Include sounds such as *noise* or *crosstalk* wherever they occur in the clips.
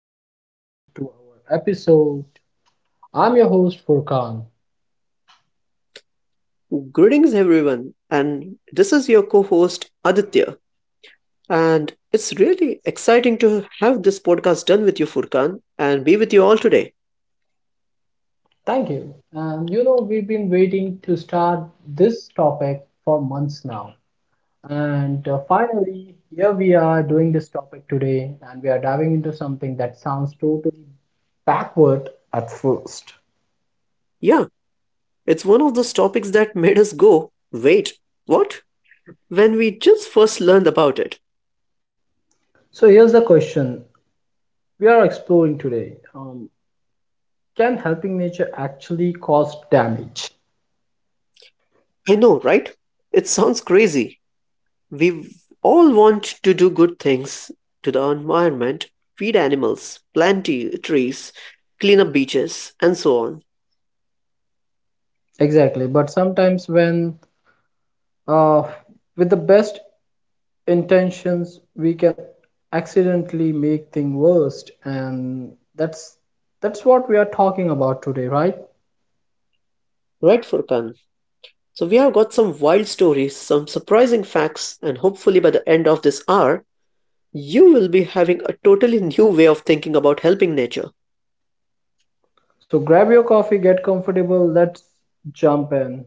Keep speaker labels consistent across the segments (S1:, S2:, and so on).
S1: welcome to our episode. I'm your host Furkan.
S2: Greetings, everyone, and this is your co host Aditya. And it's really exciting to have this podcast done with you, Furkan, and be with you all today.
S1: Thank you. And you know, we've been waiting to start this topic for months now. And finally, here we are doing this topic today, and we are diving into something that sounds totally backward at first.
S2: Yeah, it's one of those topics that *laughs* made us go, wait, what? When we just first learned about it.
S1: So here's the question we are exploring today. Can helping nature actually cause damage?
S2: I know, right? It sounds crazy. We all want to do good things to the environment, feed animals, plant trees, clean up beaches, and so on.
S1: Exactly. But sometimes, when uh, with the best intentions, we can accidentally make things worse, and that's what we are talking about today, right?
S2: Right, Furkan? So, we have got some wild stories, some surprising facts, and hopefully by the end of this hour, you will be having a totally new way of thinking about helping nature. *laughs*
S1: So grab your coffee, get comfortable. Let's jump in.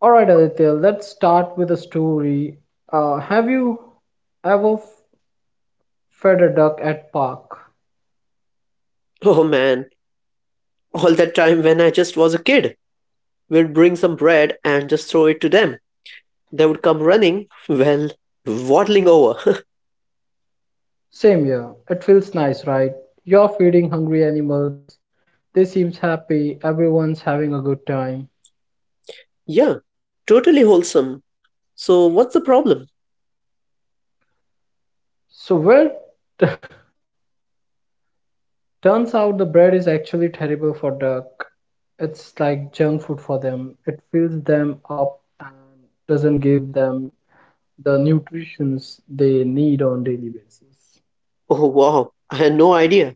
S1: All right, Aditya. Let's start with a story. Have you ever fed a duck at park?
S2: Oh man, all that time when I just was a kid, we'd bring some bread and just throw it to them. They would come running, well, waddling over.
S1: Same here. It feels nice, right? You're feeding hungry animals. They seems happy. Everyone's having a good time.
S2: *laughs* Yeah, totally wholesome. So, what's the problem? *laughs*
S1: So well, *laughs* turns out the bread is actually terrible for duck. It's like junk food for them. It fills them up and doesn't give them the nutritions they need on daily basis.
S2: Oh wow, I had no idea.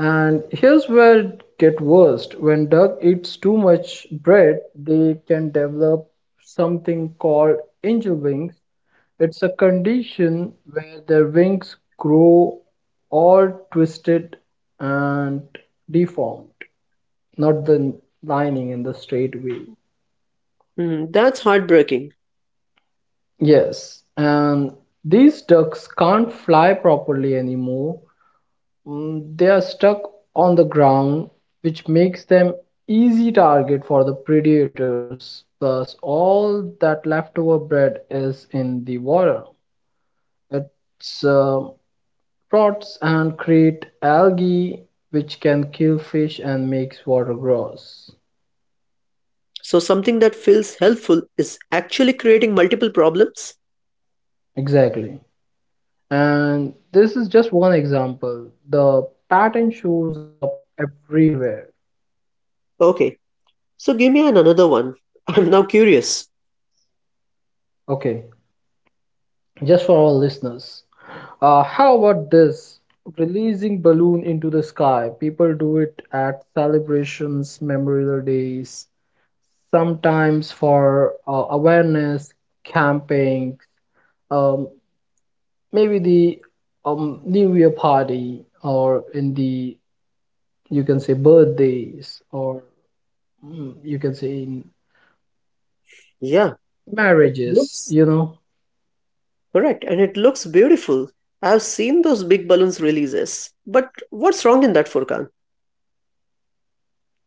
S1: And here's where it gets worst. When duck eats too much bread, they can develop something called angel wings. It's a condition where their wings grow all twisted and deformed, not the lining in the straight way.
S2: Hmm, that's heartbreaking.
S1: Yes, and these ducks can't fly properly anymore. Mm, they are stuck on the ground, which makes them easy target for the predators. Plus, all that leftover bread is in the water. It uh, rots and create algae, which can kill fish and makes water gross.
S2: So, something that feels helpful is actually creating multiple problems?
S1: Exactly. And this is just one example. The pattern shows up everywhere.
S2: Okay, so give me an another one. *laughs* I'm now curious.
S1: Okay, just for our listeners. How about this? Releasing balloon into the sky. People do it at celebrations, memorial days, sometimes for awareness camping, um, maybe the New Year party, or in the you can say birthdays, or you can say in
S2: Yeah,
S1: marriages.
S2: looks
S1: You know,
S2: correct, and it looks beautiful. I've seen those big balloons releases, but what's wrong in that, Furkan?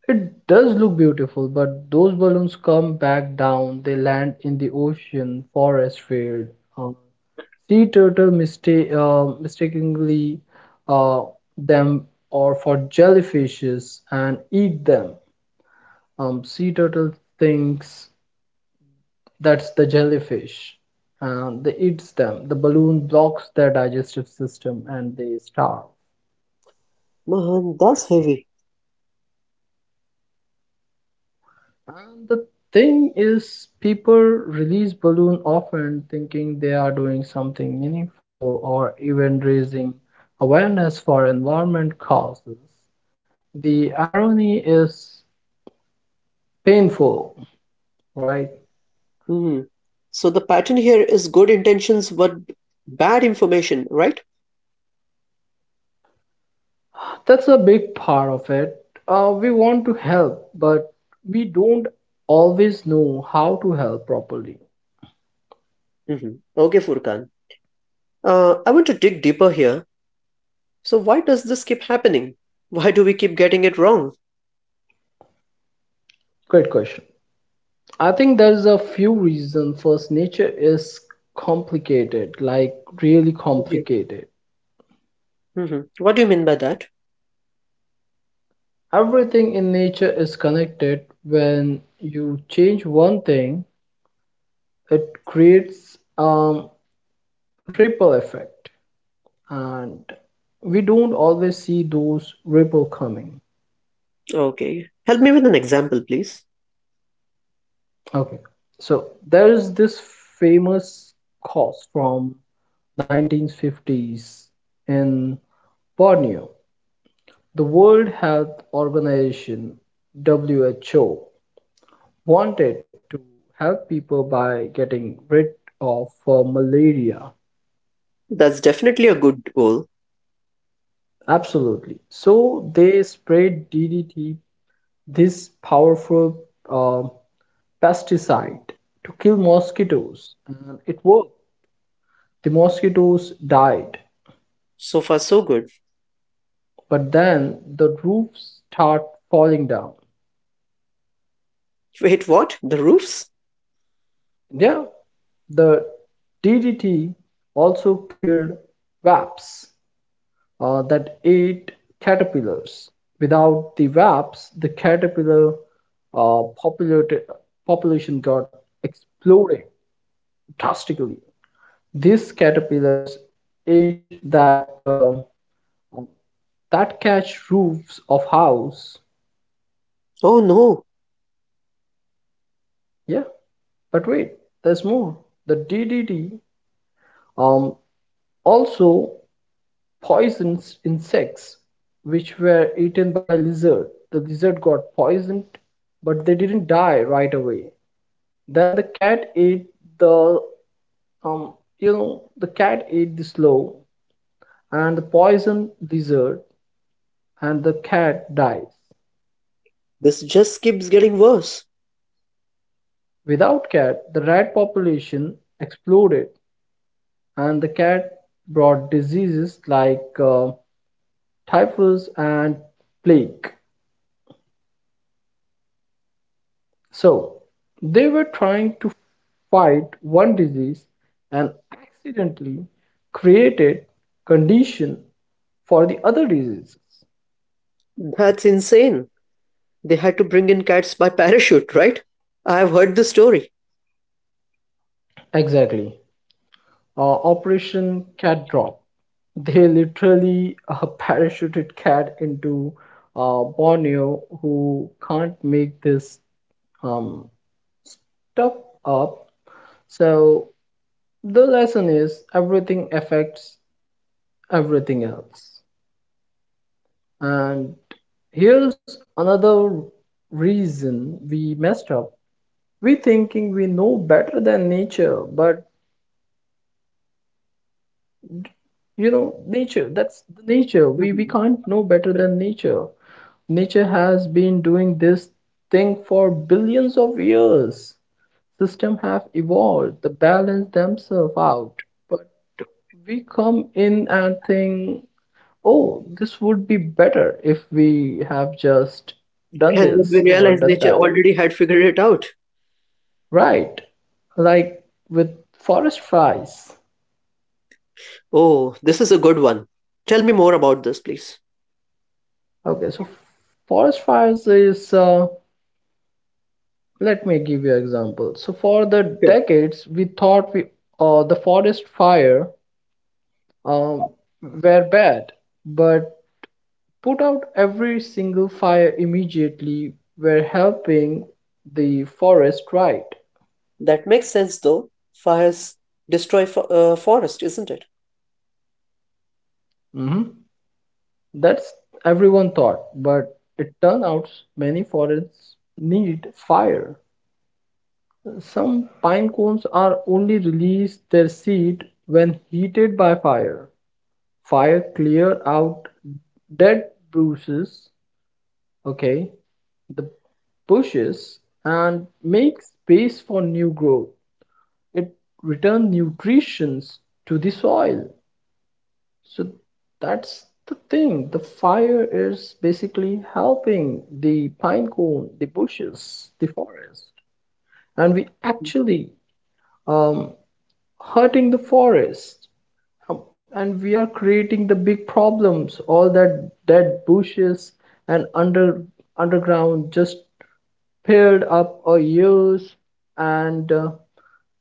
S1: it does look beautiful, but those balloons come back down. They land in the ocean, forest, field. Uh, sea turtle mistake, mistakenly uh, them or for jellyfishes and eat them. Sea turtle thinks that's the jellyfish and they eats them. The balloon blocks their digestive system and they starve.
S2: Man, that's heavy.
S1: And the thing is, people release balloon often thinking they are doing something meaningful or even raising awareness for environment causes. The irony is painful, right?
S2: Hmm. So the pattern here is good intentions but bad information, right?
S1: That's a big part of it. We want to help, but we don't always know how to help properly.
S2: Okay, Furkan. I want to dig deeper here. So why does this keep happening? Why do we keep getting it wrong?
S1: Great question. I think there's a few reasons. First, nature is complicated, like really
S2: What do you mean?
S1: complicated.
S2: What do you mean by that?
S1: Everything in nature is connected. When you change one thing, it creates a ripple effect, and we don't always see those ripple coming.
S2: Okay, help me with an example, please.
S1: Okay, so there is this famous cause from 1950s in Borneo. The World Health Organization (WHO) wanted to help people by getting rid of malaria.
S2: That's definitely a good goal.
S1: Absolutely. So they sprayed DDT, this powerful uh, pesticide, to kill mosquitoes, and it worked. The mosquitoes died,
S2: So far, so good.
S1: but then the roofs start falling down.
S2: Wait, what? The roofs?
S1: Yeah, the DDT also killed wasps that ate caterpillars. Without the wasps, the caterpillar uh, populati- population got exploded drastically. These caterpillars ate that that catch roofs of house.
S2: Oh no.
S1: Yeah, but wait, there's more. The DDT um, also poisons insects which were eaten by lizard. The lizard got poisoned, but they didn't die right away. Then the um the cat ate the slow and the poison dessert and the cat dies.
S2: This just keeps getting worse.
S1: Without cat, the rat population exploded and the cat brought diseases like typhus and plague. So they were trying to fight one disease and accidentally created condition for the other diseases.
S2: That's insane. They had to bring in cats by parachute, right? I've heard the story.
S1: Exactly. Operation Cat Drop. They literally *laughs* parachuted Cat into Borneo, who can't make this um, stuff up. So the lesson is everything affects everything else. And here's another reason we messed up. We thinking we know better than nature, but you know, nature, that's the nature. We
S2: Mhm.
S1: can't know better
S2: But—
S1: than nature. Nature has been doing this thing for billions of years. Systems have evolved to balance themselves out, but we come in and think, oh, this would be better if we have just done
S2: And then we
S1: this or
S2: realized
S1: done
S2: nature
S1: that.
S2: already had figured it out.
S1: Right, like with forest fires.
S2: Oh, this is a good one. Tell me more about this, please.
S1: Okay, so forest fires is let me give you an example. So for the decades we thought we the forest fire um, were bad, but put out every single fire immediately were helping the forest, right.
S2: That makes sense though. Fires destroy forest, isn't it?
S1: Mhm. That's everyone thought, but it turned out many forests need fire. Some pine cones are only release their seed when heated by fire. Fire clear out dead bruises, okay, the bushes and make space for new growth. It returns nutrition to the soil. So that's the thing. The fire is basically helping the pine cone, the bushes, the forest, and we actually um, hurting the forest. And we are creating the big problems. All that dead bushes and under underground just paired up a years and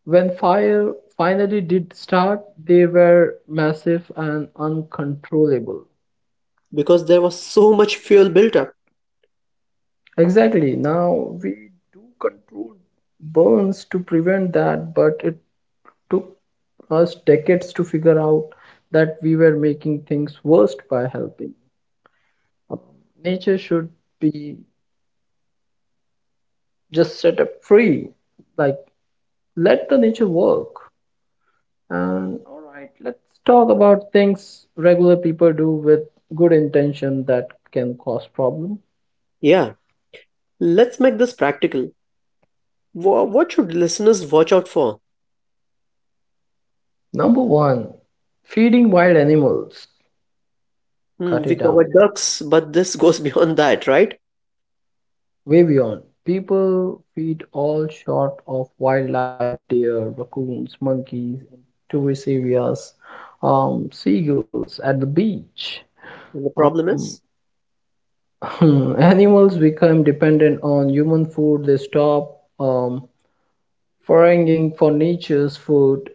S1: when fire finally did start they were massive and uncontrollable.
S2: Because there was so much fuel built up.
S1: Exactly, now we do control burns to prevent that, but it took us decades to figure out that we were making things worse by helping. Um, nature should be just set up free, like let the nature work. And all right, let's talk about things regular people do with good intention that can cause problem.
S2: Yeah, let's make this practical. What should listeners watch out for?
S1: Number one, feeding wild animals.
S2: Hmm,
S1: Cut
S2: we
S1: it down.
S2: covered ducks, but this goes *laughs* beyond that, right?
S1: Way beyond. People feed all sort of wildlife, deer, raccoons, monkeys, tourist areas, seagulls at the beach.
S2: And the problem
S1: Um,
S2: is,
S1: *laughs* animals become dependent on human food. They stop foraging for nature's food.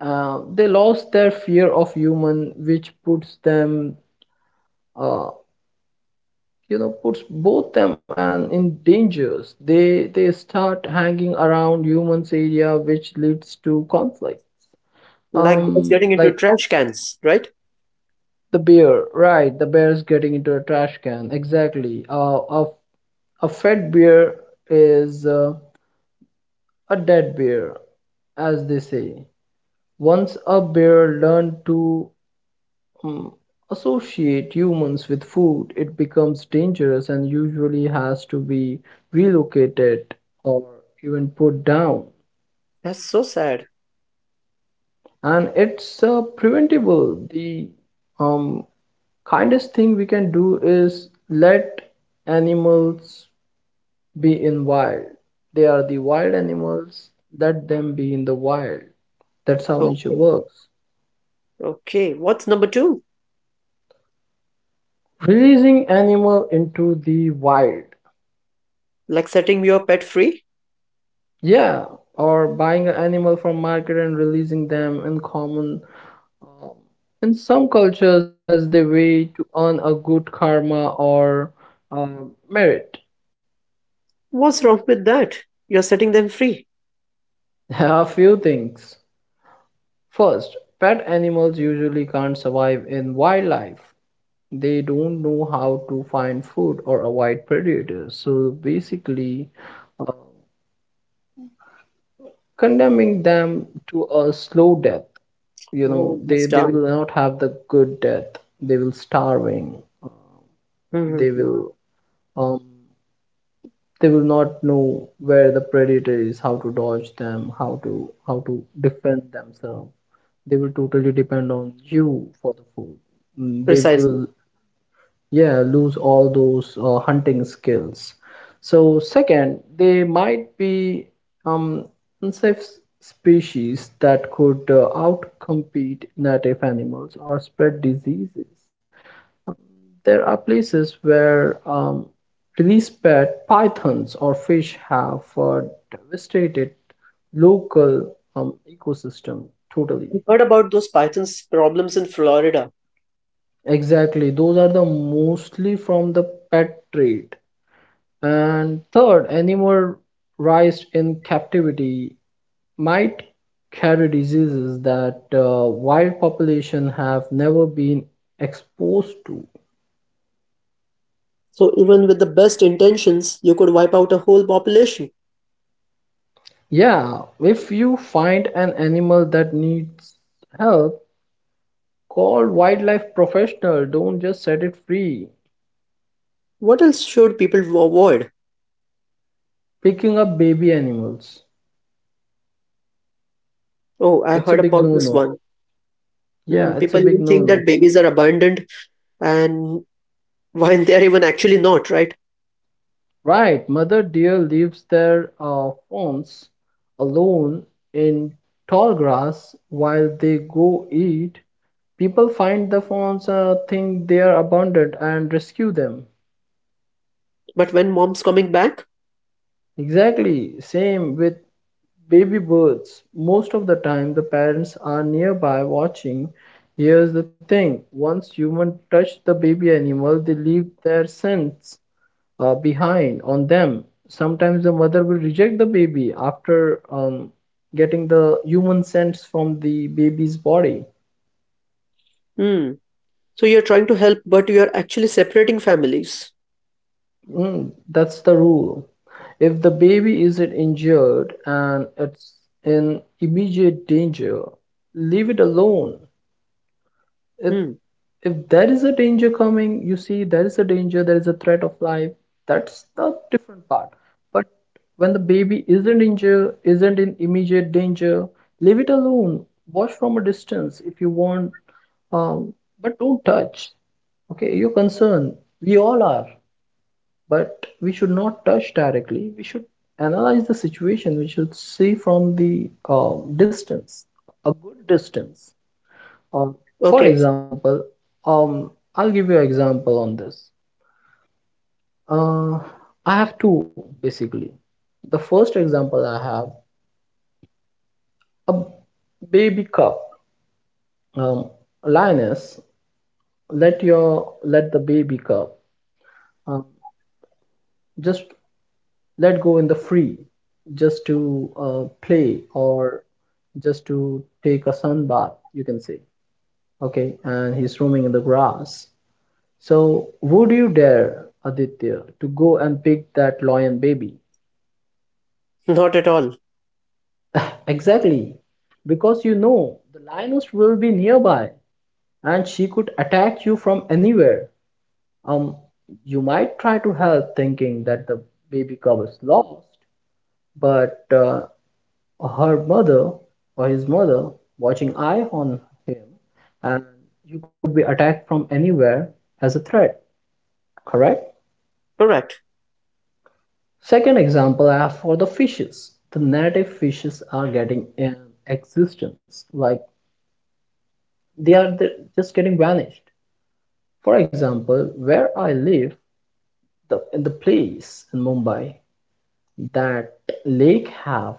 S1: They lost their fear of human, which puts them, uh, you know, puts both them and in dangers. They start hanging around humans' area, which leads to conflict.
S2: like ducks getting into
S1: Like
S2: trash cans, right?
S1: the bear, right? The bear is getting into a trash can. Exactly. A fed bear is a dead bear, as they say. Once a bear learned to um, associate humans with food, it becomes dangerous and usually has to be relocated or even put down.
S2: That's so sad.
S1: And it's preventable. The um, kindest thing we can do is let animals be in wild. They are the wild animals. Let them be in the wild. That's how
S2: Oh,
S1: nature works.
S2: okay, what's number two?
S1: Releasing animal into the wild.
S2: Like setting your pet free?
S1: Yeah, or buying an animal from market and releasing them in common, um, in some cultures as the way to earn a good karma or merit.
S2: What's wrong with that? You're setting them free.
S1: *laughs* A few things. First, pet animals usually can't survive in wildlife. They don't know how to find food or avoid predators. So basically, uh, condemning them to a slow death. You know,
S2: Oh,
S1: they
S2: that's
S1: they
S2: dumb.
S1: will not have the good death, they will starving.
S2: Mhm,
S1: They
S2: mhm.
S1: will um they will not know where the predator is, how to dodge them, how to defend themselves. They will totally depend on you for the food. Mm, they will
S2: Precisely.
S1: yeah lose all those hunting skills. So second, they might be um unsafe species that could outcompete native animals or spread diseases. There are places where release pet pythons or fish have devastated local ecosystem totally.
S2: I've heard about those pythons problems in Florida.
S1: Exactly, those are the mostly from the pet trade. And third, animal raised in captivity might carry diseases that wild population have never been exposed to.
S2: So even with the best intentions, you could wipe out a whole population.
S1: Yeah, if you find an animal that needs help, call wildlife professional. Don't just set it free.
S2: What else should people avoid?
S1: Picking up baby animals.
S2: Oh, I
S1: That's a
S2: heard
S1: big
S2: about this
S1: no-no.
S2: one. Hmm,
S1: Yeah, it's
S2: people
S1: a
S2: even
S1: big
S2: think that
S1: no-no.
S2: babies are abandoned and *laughs* when they're even actually not, right?
S1: Right, Mother Deer leaves their fawns alone in tall grass while they go eat. People find the fawns, think they are abundant, and rescue them.
S2: But when mom's coming back,
S1: Exactly, same with baby birds. Most of the time, the parents are nearby watching. Here's the thing, once humans touch the baby animal, they leave their scent behind on them. Sometimes the mother will reject the baby after getting the human sense from the baby's body.
S2: hmm. So you're trying to help, but you're actually separating families.
S1: Mm, that's the rule. If the baby isn't injured and it's in immediate danger, leave it alone. if
S2: Hmm.
S1: if there is a danger coming, you see there is a danger, there is a threat of life, that's the different part. But when the baby is not injured, isn't in immediate danger, leave it alone, watch from a distance if you want, um, but don't touch. Okay, you're concerned. We all are, but we should not touch directly. We should analyze the situation, we should see from the distance, a good distance. um, for
S2: Okay.
S1: example, I'll give you an example on this. Uh, I have two basically. The first example I have a baby cub. Um, lioness, let the baby cub um, just let go in the free, just to play or just to take a sun bath, you can say. Okay, and he's roaming in the grass. So, would you dare, Aditya, to go and pick that lion baby?
S2: *laughs* Not at all.
S1: Exactly, because you know the lioness will be nearby and she could attack you from anywhere. Um, you might try to help thinking that the baby cub is lost, but her mother or his mother watching eye on him, and you could be attacked from anywhere as a threat, correct?
S2: Correct.
S1: Second example I have for the fishes. The native fishes are getting in existence, like they are just getting vanished. For example, where I live, the in the place in Mumbai, that lake have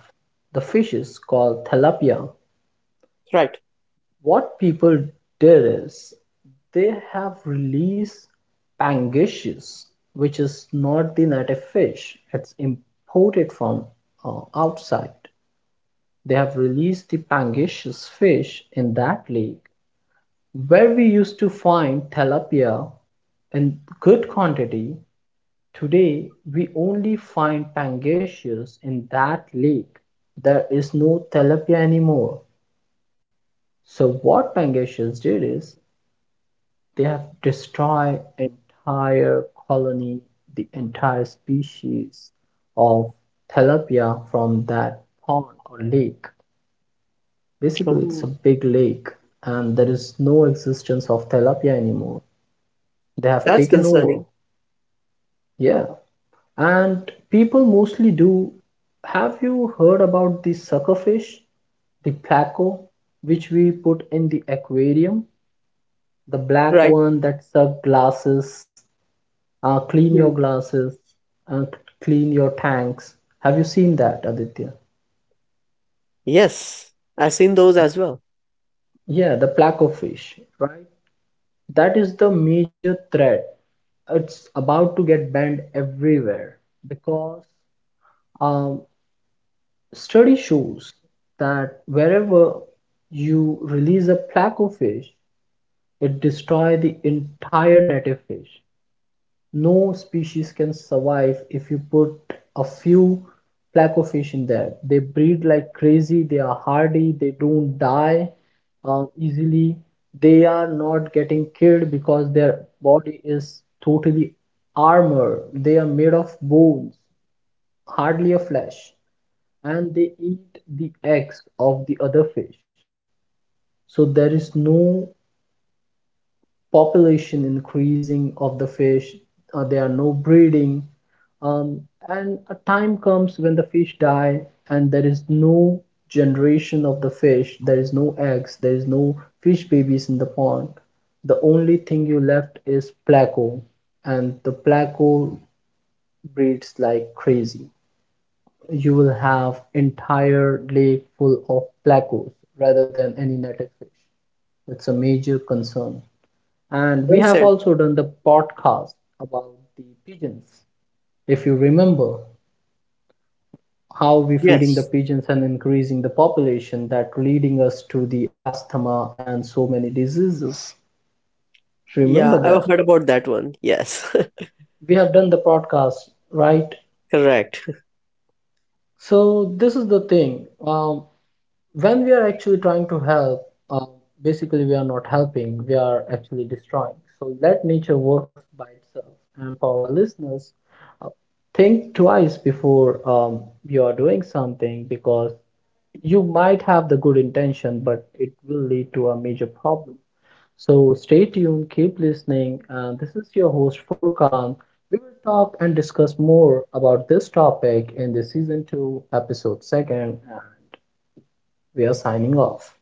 S1: the fishes called tilapia.
S2: Right.
S1: What people did is they have released pangasius, which is not the native fish. It's imported from outside. They have released the pangasius fish in that lake, where we used to find tilapia in good quantity. Today, we only find pangasius in that lake. There is no tilapia anymore. So what pangasius did is they have destroyed entire colony, the entire species of tilapia from that pond or lake. Basically, it's a
S2: Hmm,
S1: big lake, and there is no existence of tilapia anymore. They have
S2: that's
S1: taken over.
S2: concerning.
S1: Yeah, and people mostly do. Have you heard about the suckerfish, the placo, which we put in the aquarium? The black
S2: Right.
S1: one that suck glasses, clean your
S2: Hmm.
S1: glasses, uh, clean your tanks. Have you seen that, Aditya?
S2: Yes, I've seen those as well.
S1: Yeah, the placo fish, right? That is the major threat. It's about to get banned everywhere because um, study shows that wherever you release a placofish, it destroys the entire native fish. No species can survive if you put a few placofish in there. They breed like crazy, they are hardy, they don't die easily. They are not getting killed because their body is totally armor. They are made of bones, hardly a flesh, and they eat the eggs of the other fish. So there is no population increasing of the fish, there are no breeding, um, and a time comes when the fish die and there is no generation of the fish, there is no eggs, there is no fish babies in the pond. The only thing you left is pleco, and the pleco breeds like crazy. You will have entire lake full of plecos rather than any netted fish. It's a major concern, and we
S2: Well
S1: have
S2: said.
S1: also done the podcast about the pigeons. If you remember how we feeding the
S2: Yes.
S1: pigeons and increasing the population that leading us to the asthma and so many diseases. Remember
S2: Yeah, I've
S1: that.
S2: heard about that one. Yes,
S1: We have done the podcast, right?
S2: *laughs* correct.
S1: So this is the thing. When we are actually trying to help, basically we are not helping, we are actually destroying. So let nature works by itself. And for our listeners, uh, think twice before you are doing something, because you might have the good intention, but it will lead to a major problem. So stay tuned, keep listening. And this is your host Furkan. We will talk and discuss more about this topic in the season two, episode second. And we are signing off.